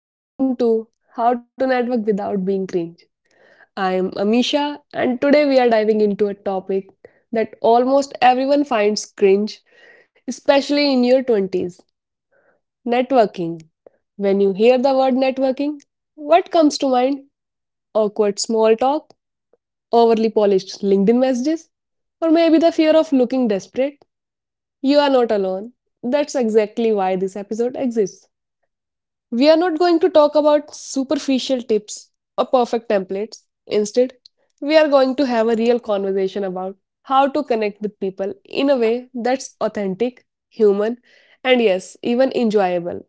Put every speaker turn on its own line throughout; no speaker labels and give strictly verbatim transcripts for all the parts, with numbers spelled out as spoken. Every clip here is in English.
And welcome to How to Network Without Being Cringe. I am Amisha, and today we are diving into a topic that almost everyone finds cringe, especially in your twenties networking. When you hear the word networking, what comes to mind? Awkward small overly polished LinkedIn messages, or maybe the fear of looking desperate? You are not alone. That's exactly why this episode exists. We are not going to talk about superficial tips or perfect templates. Instead, we are going to have a real conversation about how to connect with people in a way that's authentic, human, and yes, even enjoyable.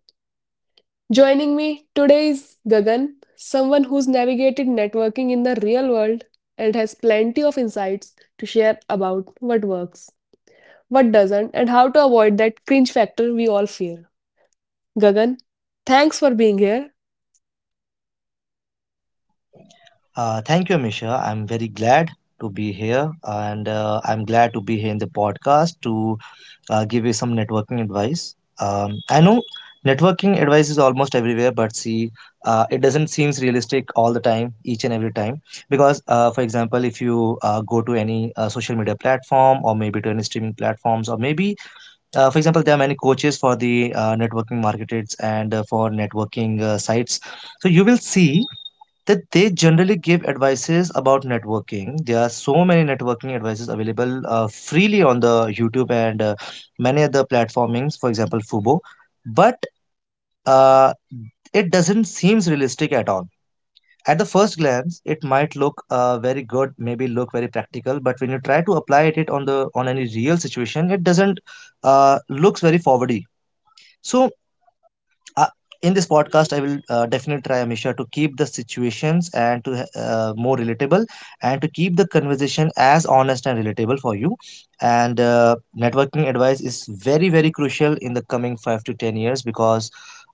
Joining me today is Gagan, someone who's navigated networking in the real world and has plenty of insights to share about what works, what doesn't, and how to avoid that cringe factor we all fear. Gagan, thanks for being here.
Uh, thank you, Misha. I'm very glad to be here, and uh, I'm glad to be here in the podcast to uh, give you some networking advice. Um, I know networking advice is almost everywhere, but see, uh, it doesn't seem realistic all the time, each and every time. Because, uh, for example, if you uh, go to any uh, social media platform, or maybe to any streaming platforms, or maybe, uh, for example, there are many coaches for the uh, networking marketers and uh, for networking uh, sites. So you will see that they generally give advices about networking. There are so many networking advices available uh, freely on the YouTube and uh, many other platformings, for example, Fubo. But uh, it doesn't seems realistic at all. At the first glance, it might look uh, very good, maybe look very practical, but when you try to apply it on the on any real situation, it doesn't uh, looks very forwardy. So uh, in this podcast I will uh, definitely try, Amisha, to keep the situations and to uh, more relatable, and to keep the conversation as honest and relatable for you. And uh, networking advice is very very crucial in the coming five to ten years because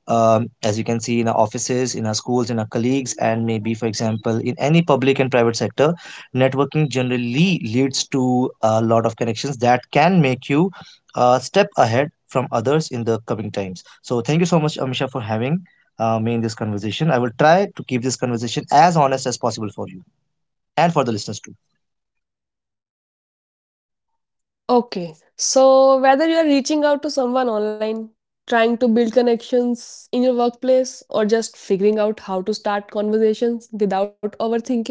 um, as you can see in our offices, in our schools, in our colleagues, and maybe, for example, in any public and private sector, networking generally leads to a lot of connections that can make you a step ahead from others in the coming times. So, thank you so much, Amisha, for having uh, me in this conversation. I will try to keep this conversation as honest as possible for you and for the listeners too.
Okay, so whether you are reaching out to someone online, trying to build connections in your workplace, or just figuring out how to start conversations without overthinking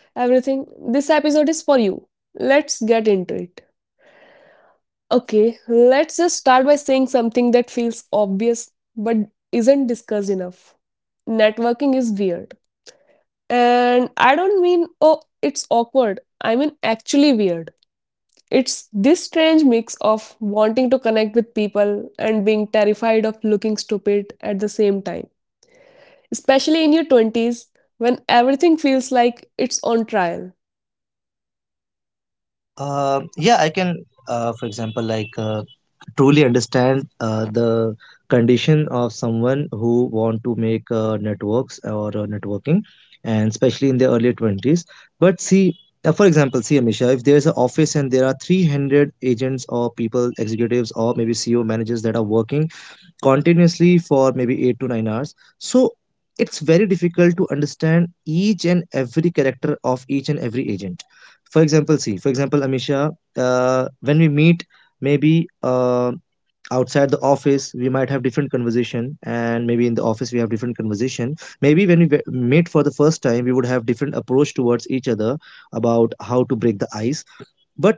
everything, this episode is for you. Let's get into it. Okay, let's just start by saying something that feels obvious but isn't discussed enough. Networking is weird. And I don't mean, oh, it's awkward. I mean, actually weird. It's this strange mix of wanting to connect with people and being terrified of looking stupid at the same time, especially in your twenties when everything feels like it's on trial.
Um yeah, I can, uh, for example, like uh, truly understand uh, the condition of someone who want to make uh, networks or uh, networking, and especially in the early twenties. But see, uh, for example, see, Amisha, if there's an office and there are three hundred agents or people, executives, or maybe C E O, managers, that are working continuously for maybe eight to nine hours, so it's very difficult to understand each and every character of each and every agent. For example, see, for example, Amisha, uh, when we meet, maybe uh, outside the office we might have different conversation, and maybe in the office we have different conversation. Maybe when we ve- meet for the first time, we would have different approach towards each other, about how to break the ice. But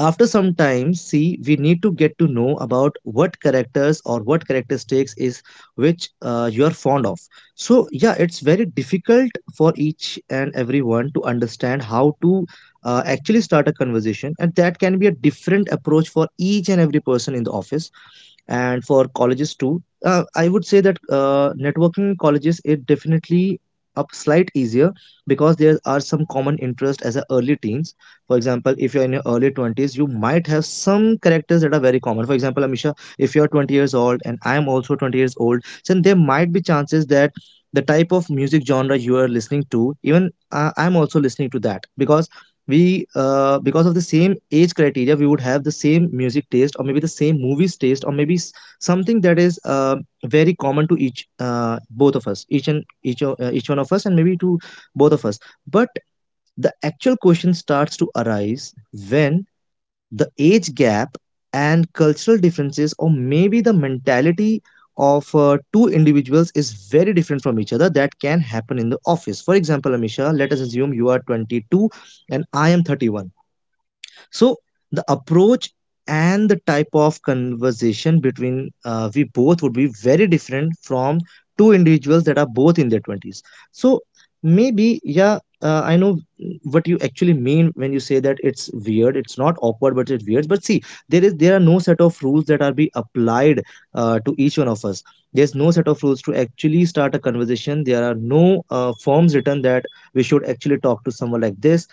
after some time, see, we need to get to know about what characters or what characteristics is, which uh, you are fond of. So yeah, it's very difficult for each and everyone to understand how to uh, actually start a conversation, and that can be a different approach for each and every person in the office, and for colleges too. Uh, I would say that uh, networking in colleges, it definitely up slight easier, because there are some common interest as a early teens. For example, if you're in your early twenties, you might have some characters that are very common. For example, Amisha, if you're twenty years old and I am also twenty years old, then there might be chances that the type of music genre you are listening to, even uh, I'm also listening to that, because we uh, because of the same age criteria we would have the same music taste, or maybe the same movies taste, or maybe s- something that is uh, very common to each uh, both of us, each and each, o- uh, each one of us, and maybe to both of us. But the actual question starts to arise when the age gap and cultural differences, or maybe the mentality of uh, two individuals is very different from each other, that can happen in the office. For example, Amisha, let us assume you are twenty-two and I am thirty-one. So the approach and the type of conversation between uh, we both would be very different from two individuals that are both in their twenties. So maybe, yeah, uh, I know what you actually mean when you say that it's weird. It's not awkward, but it's weird. But see, there is there are no set of rules that are be applied uh, to each one of us. There's no set of rules to actually start a conversation. There are no uh, forms written that we should actually talk to someone like this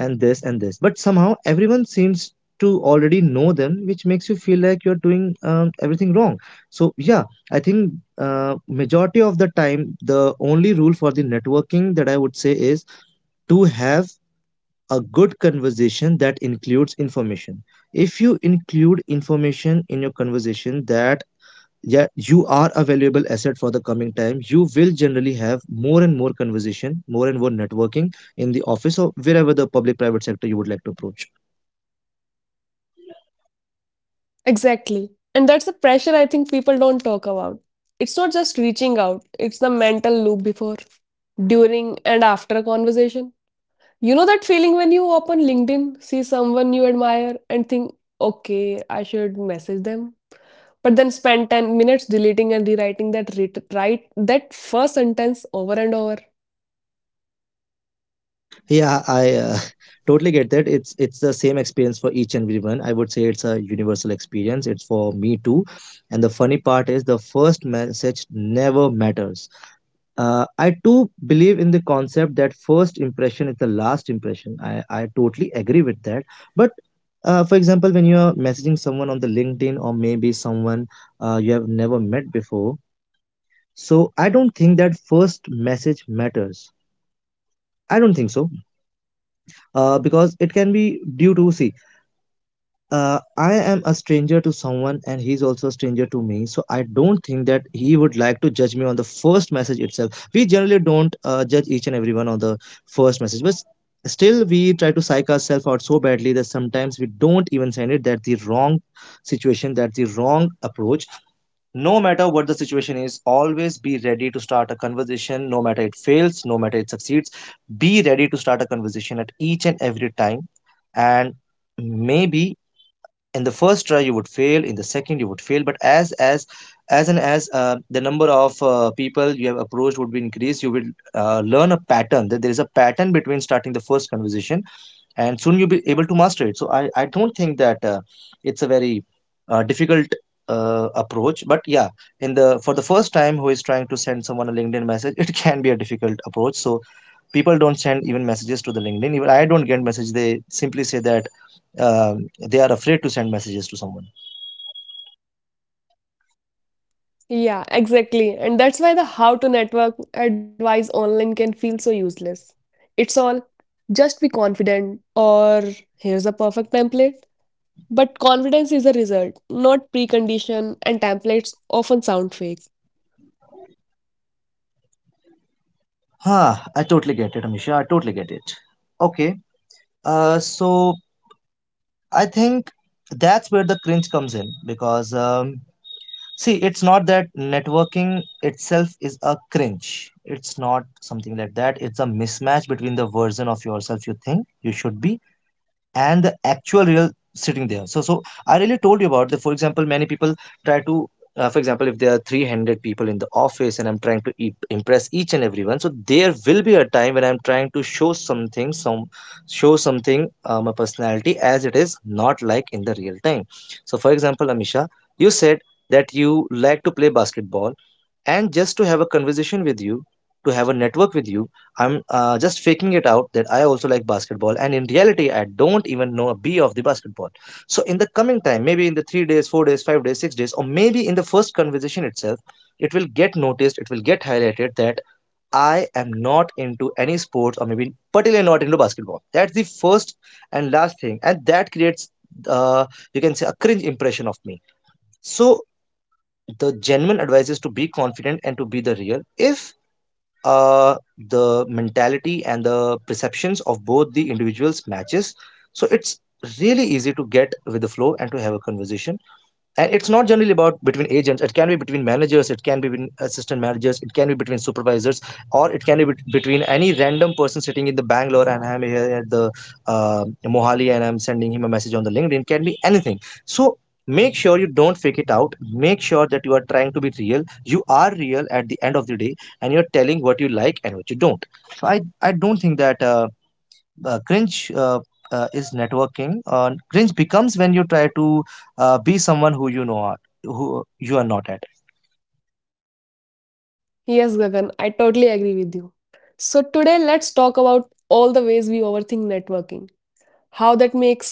and this and this, but somehow everyone seems to already know them, which makes you feel like you're doing um, everything wrong. So yeah, I think uh, majority of the time, the only rule for the networking that I would say is to have a good conversation that includes information. If you include information in your conversation, that yeah, you are a valuable asset for the coming time. You will generally have more and more conversation, more and more networking, in the office or wherever the public private sector you would like to approach.
Exactly. And that's the pressure I think people don't talk about. It's not just reaching out, it's the mental loop before, during, and after a conversation. You know that feeling when you open LinkedIn, see someone you admire, and think, okay, I should message them? But then spend ten minutes deleting and rewriting that writ- write that first sentence over and over.
Yeah, I uh, totally get that. It's it's the same experience for each and everyone. I would say it's a universal experience. It's for me too. And the funny part is the first message never matters. Uh, I too believe in the concept that first impression is the last impression. I, I totally agree with that. But uh, for example, when you're messaging someone on the LinkedIn, or maybe someone uh, you have never met before, so I don't think that first message matters. I don't think so, uh, because it can be due to, see, uh, I am a stranger to someone and he's also a stranger to me. So I don't think that he would like to judge me on the first message itself. We generally don't uh, judge each and everyone on the first message, but still we try to psych ourselves out so badly that sometimes we don't even send it. That the wrong situation, that the wrong approach. No matter what the situation is, always be ready to start a conversation. No matter it fails, no matter it succeeds, be ready to start a conversation at each and every time. And maybe in the first try you would fail, in the second you would fail, but as as as and as uh, the number of uh, people you have approached would be increased, you will uh, learn a pattern, that there is a pattern between starting the first conversation, and soon you'll be able to master it. So i i don't think that uh, it's a very uh, difficult uh, approach. But yeah, in the for the first time, who is trying to send someone a LinkedIn message, it can be a difficult approach. So people don't send even messages to the LinkedIn. Even I don't get message. They simply say that um, they are afraid to send messages to someone.
Yeah, exactly, and that's why the how to network advice online can feel so useless. It's all just be confident or here's a perfect template. But confidence is a result, not precondition, and templates often sound fake.
Huh, I totally get it, Amisha, I totally get it. Okay, uh, so I think that's where the cringe comes in, because um, see, it's not that networking itself is a cringe. It's not something like that. It's a mismatch between the version of yourself you think you should be and the actual real sitting there. So so I really told you about the, for example, many people try to uh, for example, if there are three hundred people in the office and I'm trying to e- impress each and everyone, so there will be a time when I'm trying to show something some show something, uh, my personality, as it is not like in the real time. So for example, Amisha, you said that you like to play basketball, and just to have a conversation with you, to have a network with you, I'm uh, just faking it out that I also like basketball, and in reality I don't even know A B of the basketball. So in the coming time, maybe in the three days, four days, five days, six days, or maybe in the first conversation itself, it will get noticed, it will get highlighted that I am not into any sports, or maybe particularly not into basketball. That's the first and last thing, and that creates uh, you can say a cringe impression of me. So the genuine advice is to be confident and to be the real. If uh, the mentality and the perceptions of both the individuals matches, so it's really easy to get with the flow and to have a conversation. And it's not generally about between agents. It can be between managers, it can be between assistant managers, it can be between supervisors, or it can be bet- between any random person sitting in the Bangalore, and I'm here at the uh, Mohali, and I'm sending him a message on the LinkedIn. Can be anything. So make sure you don't fake it out. Make sure that you are trying to be real. You are real at The end of the day, and you're telling what you like and what you don't. So i i don't think that uh, uh, cringe uh, uh, is networking. Uh, cringe becomes when you try to uh, be someone who you know are, who you are not at.
Yes, Gagan, I totally agree with you. So, today let's talk about all the ways we overthink networking, how that makes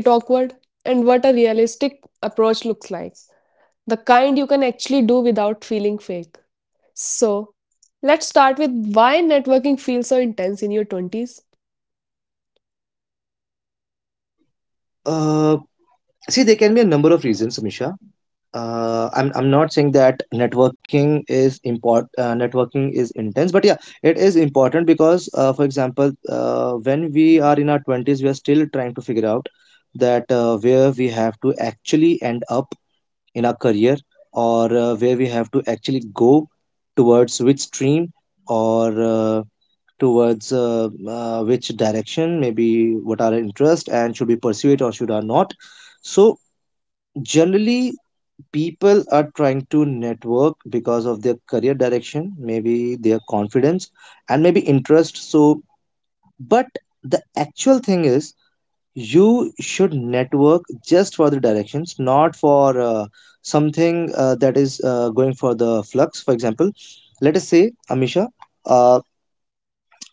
it awkward, and what a realistic approach looks like. The kind you can actually do without feeling fake. So, let's start with why networking feels so intense in your twenties.
Uh, See, there can be a number of reasons, Misha. Uh, I'm I'm not saying that networking is import uh, networking is intense, but yeah, it is important because, uh, for example, uh, when we are in our twenties, we are still trying to figure out that uh, where we have to actually end up in our career, or uh, where we have to actually go towards which stream, or uh, towards uh, uh, which direction, maybe what are our interest, and should we pursue it or should I not. So generally people are trying to network because of their career direction, maybe their confidence and maybe interest. So but the actual thing is you should network just for the directions, not for uh, something uh, that is uh, going for the flux. For example, let us say Amisha, uh,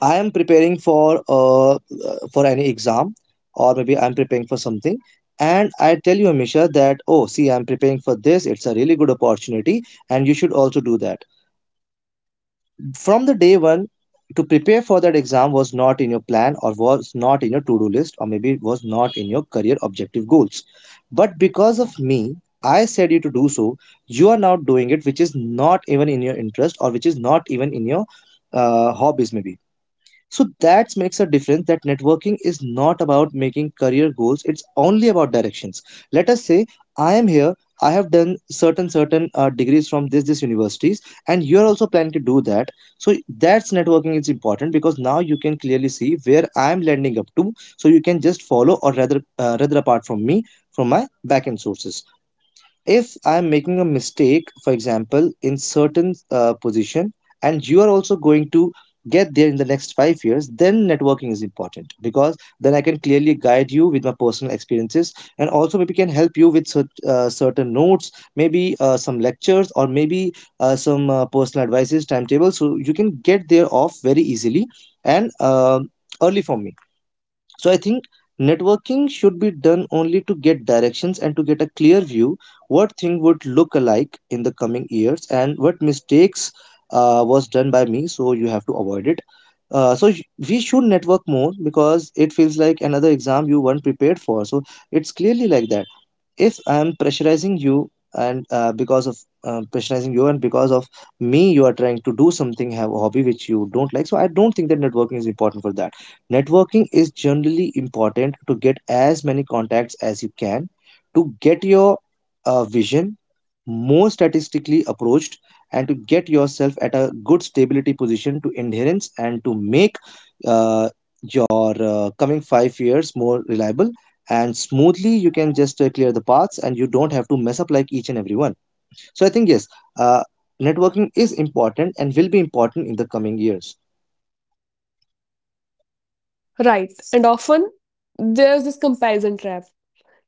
I am preparing for uh, uh, for any exam, or maybe I'm preparing for something, and I tell you Amisha that oh see, I'm preparing for this, it's a really good opportunity and you should also do that. From the day one, to prepare for that exam was not in your plan, or was not in your to-do list, or maybe it was not in your career objective goals. But because of me, I said you to do so, you are now doing it, which is not even in your interest, or which is not even in your uh, hobbies maybe. So that makes a difference, that networking is not about making career goals, it's only about directions. Let us say I am here, I have done certain certain uh, degrees from this this universities, and you are also planning to do that. So that's networking is important, because now you can clearly see where I am landing up to, so you can just follow, or rather uh, rather apart from me, from my backend sources, if I'm making a mistake for example in certain uh, position, and you are also going to get there in the next five years, then networking is important because then I can clearly guide you with my personal experiences, and also maybe can help you with cert- uh, certain notes, maybe uh, some lectures, or maybe uh, some uh, personal advices, timetables, so you can get there off very easily and uh, early from me. So I think networking should be done only to get directions and to get a clear view what thing would look alike in the coming years, and what mistakes uh, was done by me so you have to avoid it. uh, so sh- we should network more because it feels like another exam you weren't prepared for. So it's clearly like that. If I'm pressurizing you and uh, because of um, pressurizing you, and because of me you are trying to do something, have a hobby which you don't like, so I don't think that networking is important for that. Networking is generally important to get as many contacts as you can, to get your uh, vision more statistically approached, and to get yourself at a good stability position to adherence, and to make uh, your uh, coming five years more reliable, and smoothly you can just uh, clear the paths and you don't have to mess up like each and every one. So I think yes, uh, networking is important and will be important in the coming years.
Right, and often there's this comparison trap.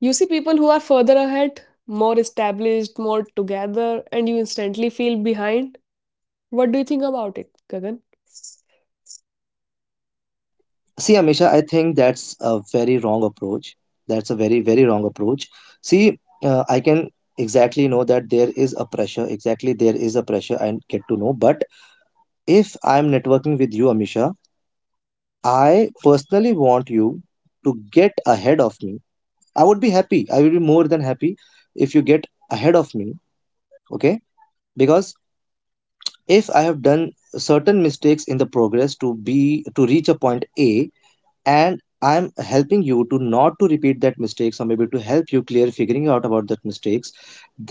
You see people who are further ahead, more established, more together, and you instantly feel behind. What do you think about it, Gagan?
See, Amisha, I think that's a very wrong approach. That's a very, very wrong approach. See, uh, I can exactly know that there is a pressure, exactly there is a pressure and get to know. But if I'm networking with you, Amisha, I personally want you to get ahead of me. I would be happy. I will be more than happy if you get ahead of me. Okay. Because if I have done certain mistakes in the progress to be to reach a point A, and I'm helping you to not to repeat that mistakes, or maybe to help you clear figuring out about that mistakes,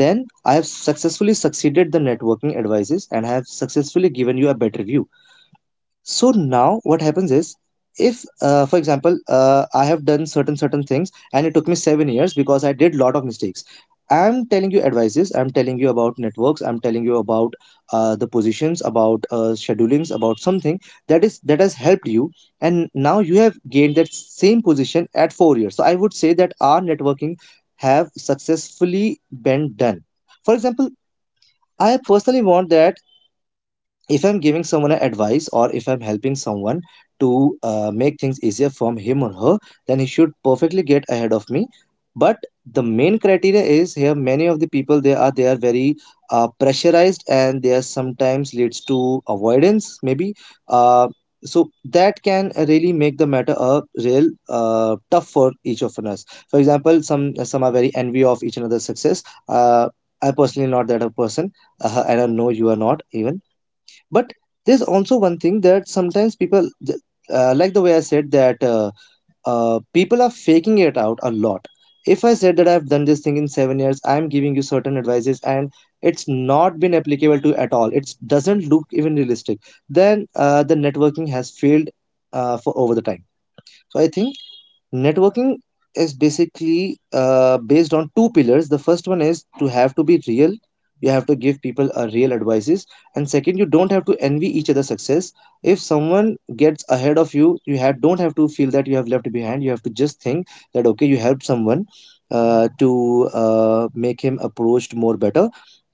then I have successfully succeeded the networking advices, and I have successfully given you a better view. So now what happens is, if uh, for example uh, I have done certain certain things and it took me seven years because I did lot of mistakes. I'm telling you advices, I'm telling you about networks, I'm telling you about uh, the positions, about uh, schedulings, about something that is that has helped you, and now you have gained that same position at four years. So I would say that our networking have successfully been done. For example, I personally want that if I'm giving someone an advice, or if I'm helping someone to uh, make things easier from him or her, then he should perfectly get ahead of me. But the main criteria is here, many of the people, they are they are very uh, pressurized, and they are sometimes leads to avoidance maybe. uh, so that can really make the matter a real uh, tough for each of us. For example, some some are very envy of each another's success. uh, I personally not that a person, uh, and I know you are not even. But there's also one thing, that sometimes people th- uh, like the way I said that uh, uh, people are faking it out a lot. If I said that I've done this thing in seven years, I'm giving you certain advices, and it's not been applicable to at all, it doesn't look even realistic, then uh, the networking has failed uh, for over the time. So I think networking is basically uh, based on two pillars. The first one is to have to be real, you have to give people a real advices. And second, you don't have to envy each other success. If someone gets ahead of you, you have don't have to feel that you have left behind. You have to just think that okay, you helped someone uh, to uh, make him approached more better,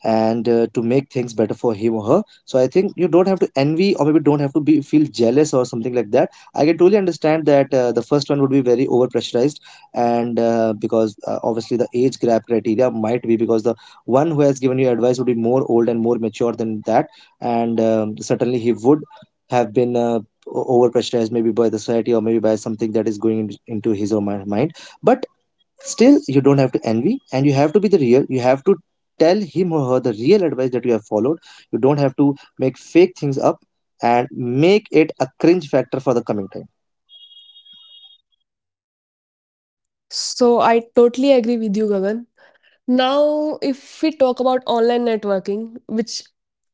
and uh, to make things better for him or her, so I think you don't have to envy, or maybe don't have to be feel jealous or something like that. I can truly understand that uh, the first one would be very overpressurized, and uh, because uh, obviously the age gap criteria might be, because the one who has given you advice would be more old and more mature than that, and um, certainly he would have been uh, o- overpressurized maybe by the society, or maybe by something that is going in- into his or my mind. But still, you don't have to envy, and you have to be the real. You have to tell him or her the real advice that you have followed. You don't have to make fake things up and make it a cringe factor for the coming time.
So I totally agree with you, Gagan. Now, if we talk about online networking, which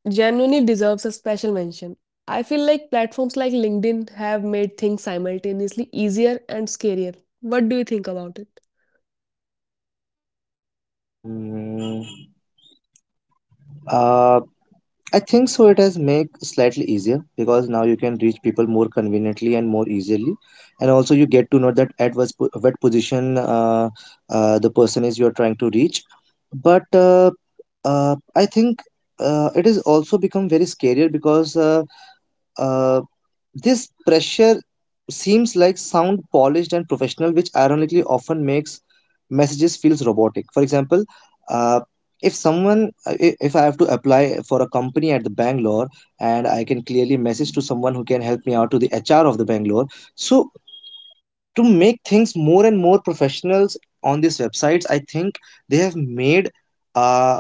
genuinely deserves a special mention, I feel like platforms like LinkedIn have made things simultaneously easier and scarier. What do you think about it?
Mm, uh, I think so. It has made slightly easier because now you can reach people more conveniently and more easily, and also you get to know that at what, po- what position uh, uh, the person is you are trying to reach. But uh, uh, I think uh, it has also become very scarier because uh, uh, this pressure seems like sound polished and professional, which ironically often makes messages feels robotic. For example, uh, if someone, uh, i- if I have to apply for a company at the Bangalore, and I can clearly message to someone who can help me out to the HR of the Bangalore. So to make things more and more professionals on these websites, I think they have made uh,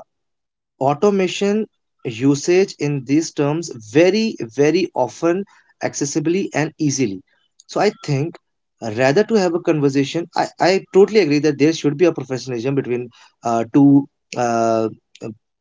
automation usage in these terms very very often accessibly and easily. So I think rather to have a conversation, i, I totally agree that there should be a professionalism between uh, two uh,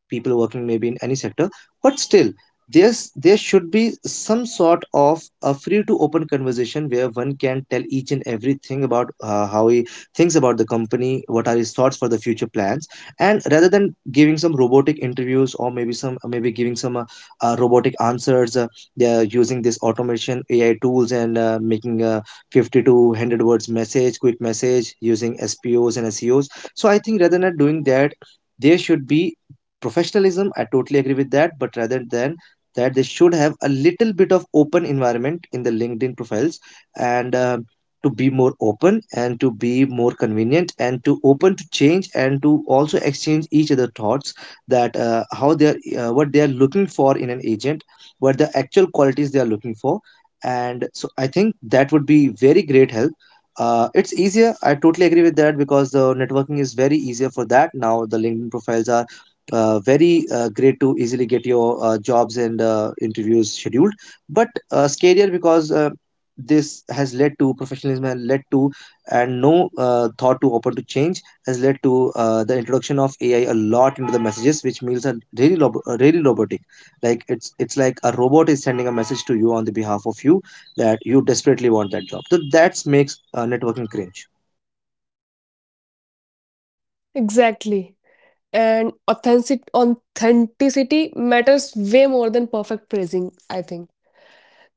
people working maybe in any sector. But still, there's there should be some sort of a free to open conversation, where one can tell each and everything about uh, how he thinks about the company, what are his thoughts for the future plans. And rather than giving some robotic interviews, or maybe some uh, maybe giving some uh, uh, robotic answers, uh, they're using this automation AI tools, and uh, making a fifty to one hundred words message, quick message using spos and seos. So I think rather than doing that, there should be professionalism, I totally agree with that, but rather than that they should have a little bit of open environment in the LinkedIn profiles, and uh, to be more open and to be more convenient and to open to change and to also exchange each other thoughts, that uh, How they are, uh, what they are looking for in an agent, what the actual qualities they are looking for. And so I think that would be very great help. Uh, it's easier, I totally agree with that, because the networking is very easier for that. Now the LinkedIn profiles are uh, very uh, great to easily get your uh, jobs and uh, interviews scheduled, but uh, scarier, because uh, this has led to professionalism, has led to and no uh, thought to open to change, has led to uh, the introduction of AI a lot into the messages, which means are really rob- uh, really robotic. Like it's it's like a robot is sending a message to you on the behalf of you that you desperately want that job. So that makes uh, networking cringe.
Exactly. And authentic authenticity matters way more than perfect phrasing, I think.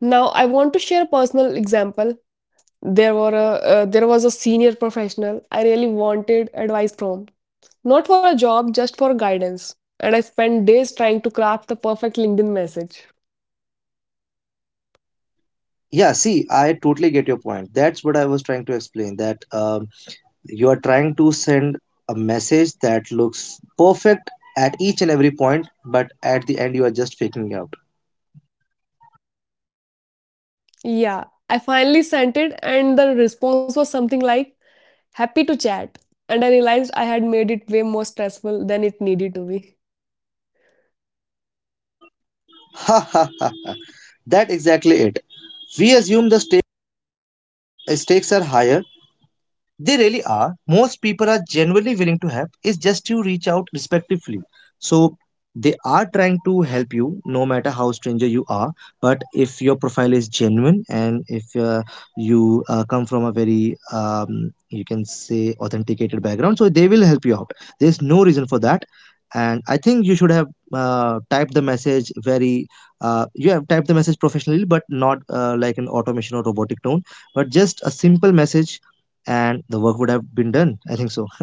Now, I want to share a personal example. There were a uh, there was a senior professional I really wanted advice from. Not for a job, just for guidance. And I spent days trying to craft the perfect LinkedIn message.
Yeah, see, I totally get your point. That's what I was trying to explain, that um, you are trying to send a message that looks perfect at each and every point, but at the end you are just faking it out.
Yeah, I finally sent it and the response was something like happy to chat. And I realized I had made it way more stressful than it needed to be.
Ha ha ha. Ha. That's exactly it. We assume the sta- stakes are higher, they really are. Most people are genuinely willing to help. It's just you reach out respectively. So they are trying to help you, no matter how stranger you are. But if your profile is genuine, and if uh, you uh, come from a very, um, you can say, authenticated background, so they will help you out. There's no reason for that. And I think you should have uh, typed the message very, uh, you have typed the message professionally, but not uh, like an automation or robotic tone, but just a simple message, and the work would have been done. I think so.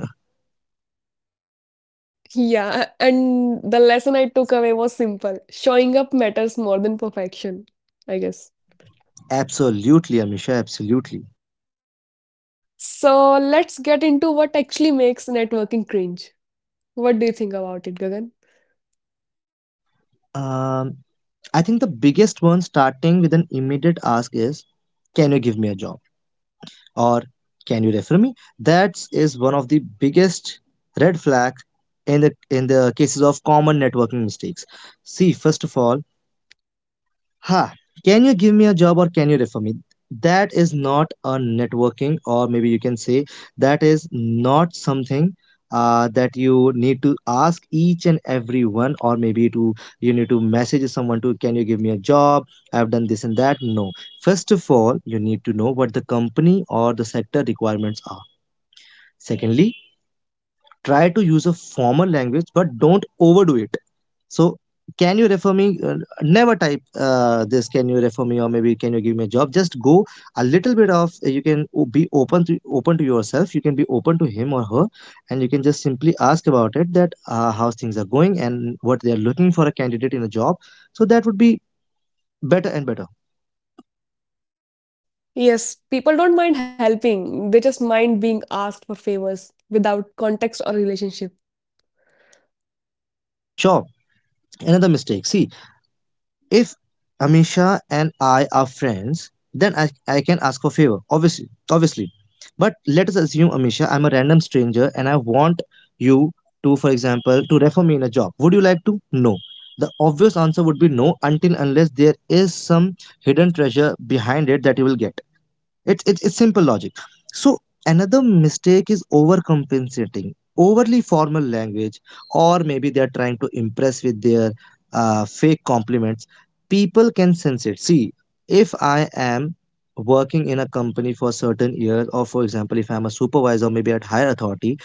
Yeah, and the lesson I took away was simple. Showing up matters more than perfection, I guess.
Absolutely, Amisha, absolutely.
So let's get into what actually makes networking cringe. What do you think about it, Gagan?
Um, I think the biggest one, starting with an immediate ask, is can you give me a job, or can you refer me? That is one of the biggest red flag in the in the cases of common networking mistakes. See, first of all, ha, can you give me a job or can you refer me? That is not a networking, or maybe you can say that is not something uh, that you need to ask each and every one, or maybe to you need to message someone to can you give me a job? I've done this and that. No, first of all, you need to know what the company or the sector requirements are. Secondly, try to use a formal language, but don't overdo it. So, can you refer me? Uh, never type uh, this. Can you refer me, or maybe can you give me a job? Just go a little bit of. You can o- be open to open to yourself. You can be open to him or her, and you can just simply ask about it, that uh, how things are going and what they are looking for a candidate in a job. So that would be better and better.
Yes, people don't mind helping. They just mind being asked for favors without context or relationship.
Sure. Another mistake. See, if Amisha and I are friends, then I, I can ask for favor. Obviously, obviously. But let us assume, Amisha, I'm a random stranger and I want you to, for example, to refer me in a job. Would you like to? No. The obvious answer would be no, until unless there is some hidden treasure behind it that you will get. It, it, it's simple logic. So, another mistake is overcompensating, overly formal language, or maybe they're trying to impress with their uh, fake compliments. People can sense it. See, if I am working in a company for certain years, or for example, if I'm a supervisor, maybe at higher authority,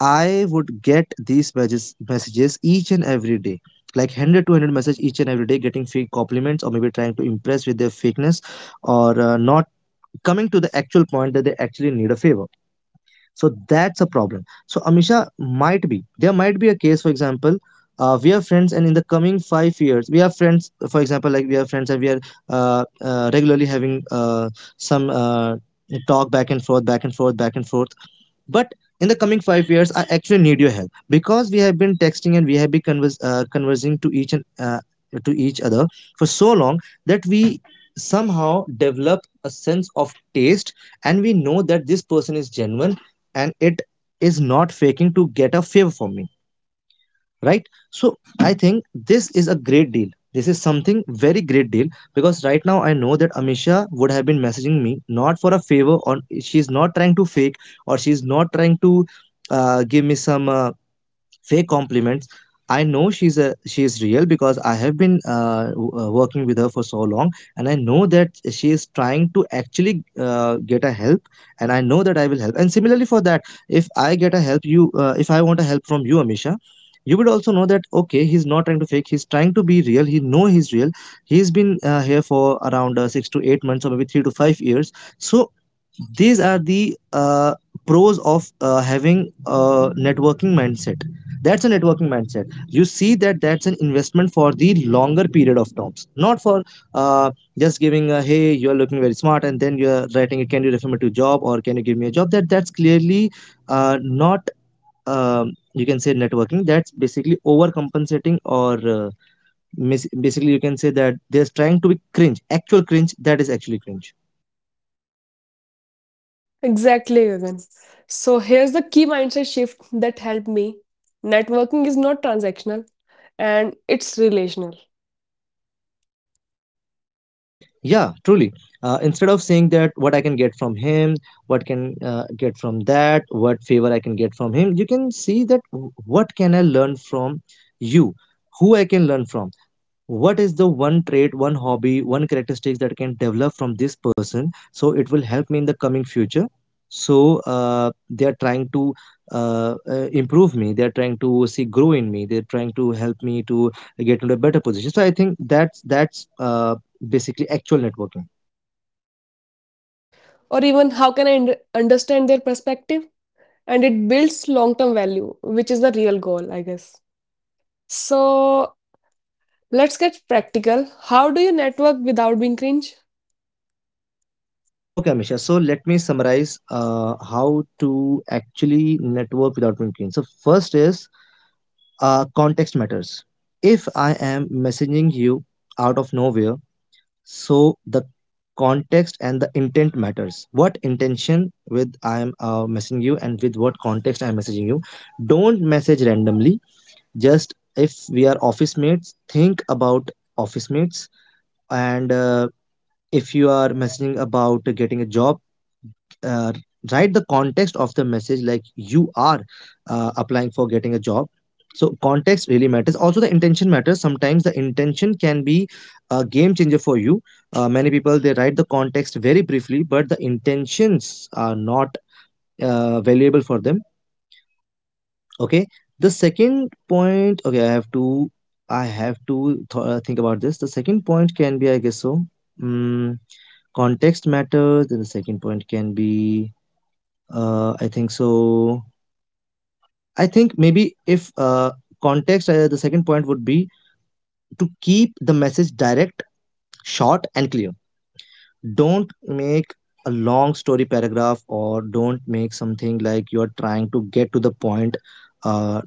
I would get these messages, messages each and every day. Like one hundred to one hundred message each and every day, getting fake compliments, or maybe trying to impress with their fakeness, or uh, not coming to the actual point that they actually need a favor. So that's a problem. So Amisha, might be there, might be a case, for example, uh, we are friends and in the coming five years we are friends. For example, like we are friends and we are uh, uh, regularly having uh, some uh, talk back and forth, back and forth, back and forth. But in the coming five years I actually need your help, because we have been texting and we have been convers- uh, conversing to each and uh, to each other for so long that we somehow develop a sense of taste, and we know that this person is genuine and it is not faking to get a favor from me, right? So I think this is a great deal. This is something very great deal, because right now I know that Amisha would have been messaging me not for a favor, or she's not trying to fake, or she's not trying to uh, give me some uh, fake compliments. I know she's a she is real, because I have been uh, w- uh, working with her for so long. And I know that she is trying to actually uh, get a help, and I know that I will help. And similarly for that, if I get a help you uh, if I want a help from you, Amisha, you would also know that okay, he's not trying to fake, he's trying to be real, he know he's real, he's been uh, here for around uh, six to eight months, or maybe three to five years. So these are the uh, pros of uh, having a networking mindset. That's a networking mindset. You see that, that's an investment for the longer period of terms, not for uh, just giving a hey, you're looking very smart, and then you're writing it, can you refer me to a job, or can you give me a job? That that's clearly uh, not um, you can say networking. That's basically overcompensating, or uh, mis- basically you can say that they're trying to be cringe, actual cringe, that is actually cringe.
Exactly, Gagan. So here's the key mindset shift that helped me. Networking is not transactional and it's relational.
Yeah, truly. Uh, instead of saying that what I can get from him, what can uh, get from that, what favor I can get from him, you can see that w- what can I learn from you, who I can learn from, what is the one trait, one hobby, one characteristic that can develop from this person, so it will help me in the coming future. So uh, they are trying to uh, uh, improve me, they are trying to see grow in me, they're trying to help me to get into a better position. So I think that's that's uh, basically actual networking.
Or even how can I und- understand their perspective? And it builds long term value, which is the real goal, I guess. So let's get practical. How do you network without being cringe?
Okay, Amisha, so let me summarize uh, how to actually network without thinking. So first is uh, context matters. If I am messaging you out of nowhere, so the context and the intent matters, what intention with I am uh, messaging you, and with what context I am messaging you. Don't message randomly. Just if we are office mates, think about office mates, and uh, if you are messaging about getting a job, uh, write the context of the message, like you are uh, applying for getting a job. So context really matters. Also the intention matters. Sometimes the intention can be a game changer for you. Uh, many people they write the context very briefly, but the intentions are not uh, valuable for them. Okay, the second point, okay, i have to i have to th- uh, think about this, the second point can be, I guess so. mm, Context matters, then the second point can be, uh, I think so. I think maybe if uh, context, uh, the second point would be to keep the message direct, short, and clear. Don't make a long story paragraph, or don't make something like you're trying to get to the point, uh,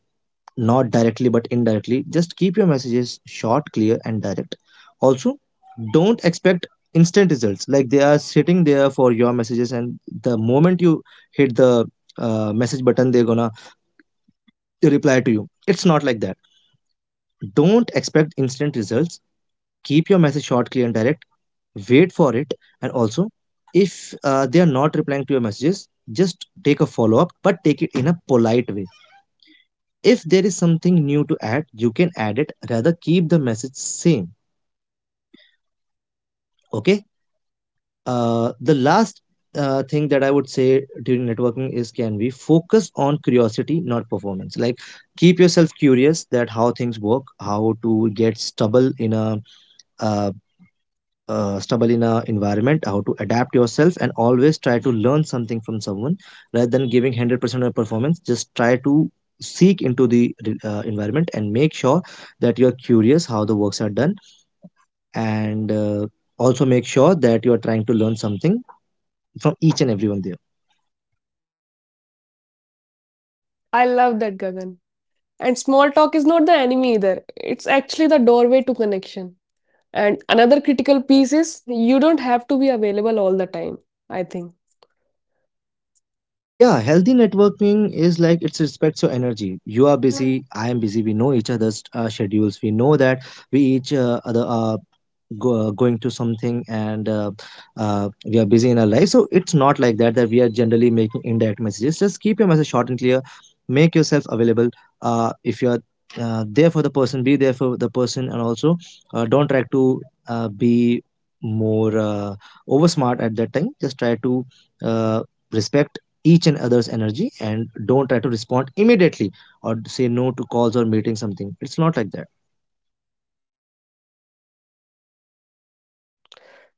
not directly but indirectly. Just keep your messages short, clear, and direct. Also, don't expect instant results, like they are sitting there for your messages, and the moment you hit the uh, message button, they're gonna to reply to you. It's not like that. Don't expect instant results. Keep your message short, clear, and direct. Wait for it. And also, if uh, they are not replying to your messages, just take a follow up, but take it in a polite way. If there is something new to add, you can add it. Rather, keep the message same. Okay. Uh, the last uh, thing that I would say during networking is can we focus on curiosity, not performance. Like keep yourself curious that how things work, how to get stubble in a uh, uh, stubble in a environment, how to adapt yourself, and always try to learn something from someone rather than giving one hundred percent of performance. Just try to seek into the uh, environment and make sure that you're curious how the works are done, and uh, also make sure that you are trying to learn something from each and everyone there.
I love that, Gagan. And small talk is not the enemy either. It's actually the doorway to connection. And another critical piece is you don't have to be available all the time, I think.
Yeah, healthy networking is like it respects your energy. You are busy, I am busy. We know each other's uh, schedules. We know that we each uh, other are go, uh, going to something, and uh, uh, we are busy in our life. So it's not like that that we are generally making indirect messages. Just keep your message short and clear. Make yourself available. Uh, if you are uh, there for the person, be there for the person, and also uh, don't try to uh, be more uh, over smart at that time. Just try to uh, respect each and other's energy, and don't try to respond immediately or say no to calls or meeting something. It's not like that.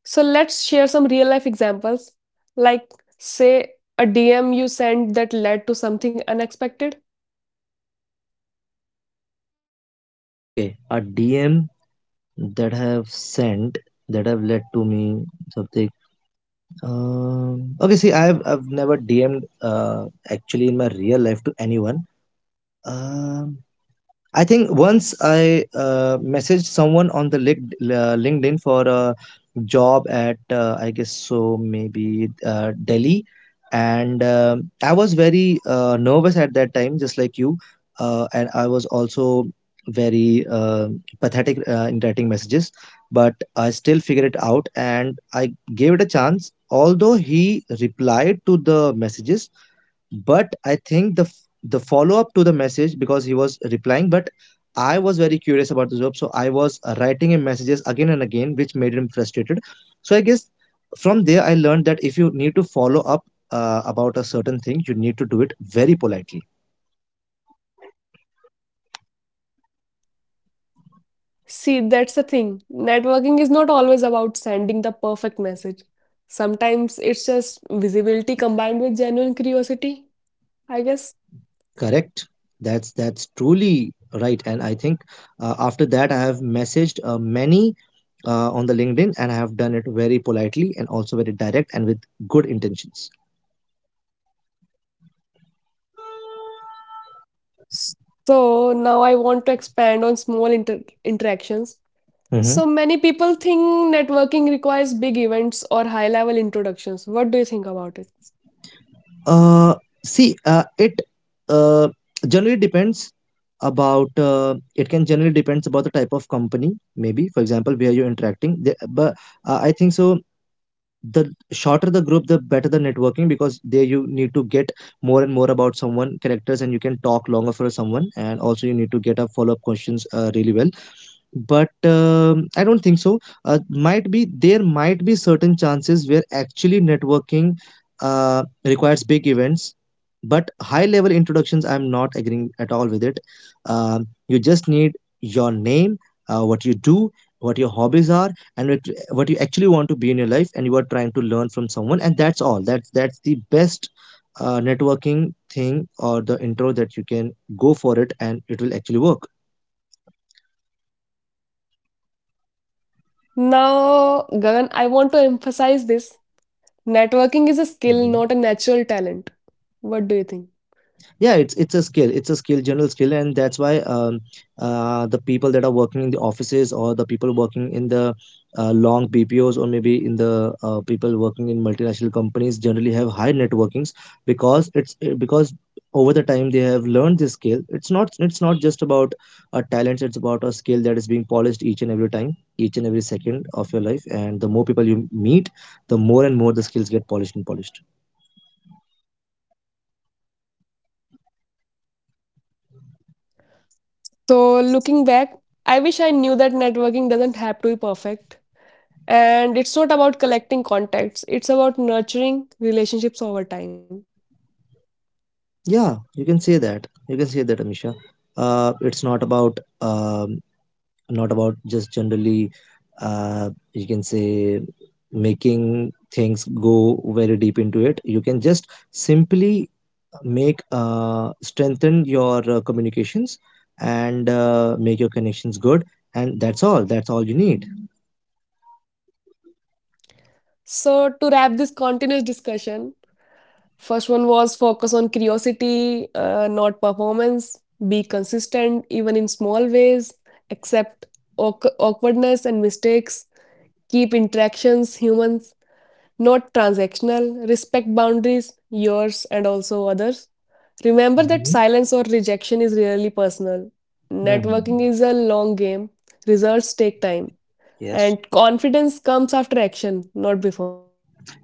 So let's share some real life examples. Like, say, a D M you sent that led to something unexpected.
Okay, a DM that have sent, that have led to me something, um, okay, see, i've, I've never DM'd uh, actually in my real life to anyone. Um I think once I uh, messaged someone on the Link- uh, LinkedIn for a job at, uh, I guess so maybe uh, Delhi, and um I was very uh, nervous at that time, just like you, uh, and I was also very uh, pathetic uh, in writing messages. But I still figured it out, and I gave it a chance. Although he replied to the messages, but I think the f- the follow up to the message, because he was replying, but I was very curious about the job, so I was uh, writing him messages again and again, which made him frustrated. So I guess from there I learned that if you need to follow up uh, about a certain thing, you need to do it very politely.
See, that's the thing. Networking is not always about sending the perfect message. Sometimes it's just visibility combined with genuine curiosity, I guess.
Correct. That's that's truly right. And I think uh, after that I have messaged uh, many uh, on the LinkedIn, and I have done it very politely and also very direct and with good intentions.
So now I want to expand on small inter- interactions.
Mhm.
So many people think networking requires big events or high level introductions. What do you think about it?
Uh, See, uh, it uh, generally depends about, uh, it can generally depends about the type of company. Maybe, for example, where you're interacting. The, but uh, I think so. The shorter the group, the better the networking, because there you need to get more and more about someone characters, and you can talk longer for someone, and also you need to get up follow up questions uh, really well. But um, I don't think so. Uh, might be, there might be certain chances where actually networking uh, requires big events, but high level introductions, I'm not agreeing at all with it. Um, you just need your name, uh, what you do, what your hobbies are, and what, what you actually want to be in your life, and you are trying to learn from someone. And that's all. That's that's the best uh, networking thing, or the intro that you can go for it, and it will actually work.
Now, Gagan, I want to emphasize this. Networking is a skill,
Mhm.
not a natural talent. What do you think?
Yeah, it's it's a skill, it's a skill, general skill. And that's why um, uh, the people that are working in the offices, or the people working in the uh, long BPOs, or maybe in the uh, people working in multinational companies, generally have high networkings. Because it's because over the time they have learned this skill. It's not it's not just about a talent, it's about a skill that is being polished each and every time, each and every second of your life. And the more people you meet, the more and more the skills get polished and polished.
So looking back, I wish I knew that networking doesn't have to be perfect. And it's not about collecting contacts, it's about nurturing relationships over time.
Yeah, you can say that. You can say that, Amisha. Uh, it's not about, um, not about just generally. Uh, you can say making things go very deep into it. You can just simply make uh, strengthen your uh, communications, and uh, make your connections good, and that's all. That's all you need.
So, to wrap this continuous discussion, first one was focus on curiosity, uh, not performance. Be consistent, even in small ways. Accept awk- awkwardness and mistakes. Keep interactions humans, not transactional. Respect boundaries, yours and also others. Remember that
Mhm.
silence or rejection is rarely personal.
Mhm.
Networking is a long game, results take time,
Yes.
and confidence comes after action, not before.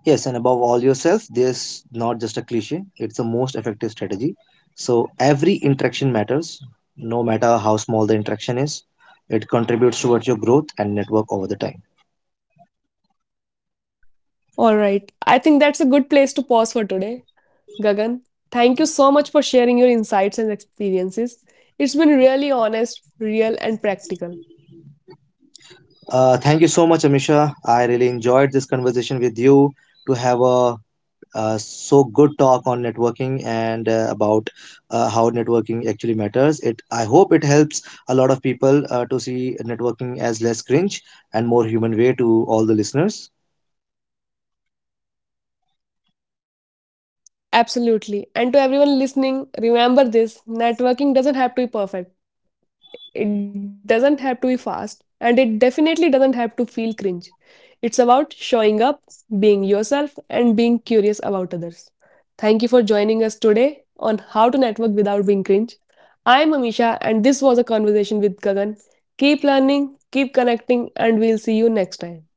Yes, and above all yourself, there's not just a cliche, it's the most effective strategy. So every interaction matters, no matter how small the interaction is. It contributes towards your growth and network over the time.
All right. I think that's a good place to pause for today. Gagan, thank you so much for sharing your insights and experiences. It's been really honest, real, and practical.
Uh, thank you so much, Amisha. I really enjoyed this conversation with you to have a, uh so good talk on networking, and uh, about uh, how networking actually matters. It, I hope it helps a lot of people uh, to see networking as less cringe and more human way to all the listeners.
Absolutely. And to everyone listening, remember this networking doesn't have to be perfect, it doesn't have to be fast, and it definitely doesn't have to feel cringe. It's about showing up, being yourself, and being curious about others. Thank you for joining us today on How to Network Without Being Cringe. I'm Amisha, and this was a conversation with Gagan. Keep learning, keep connecting, and we'll see you next time.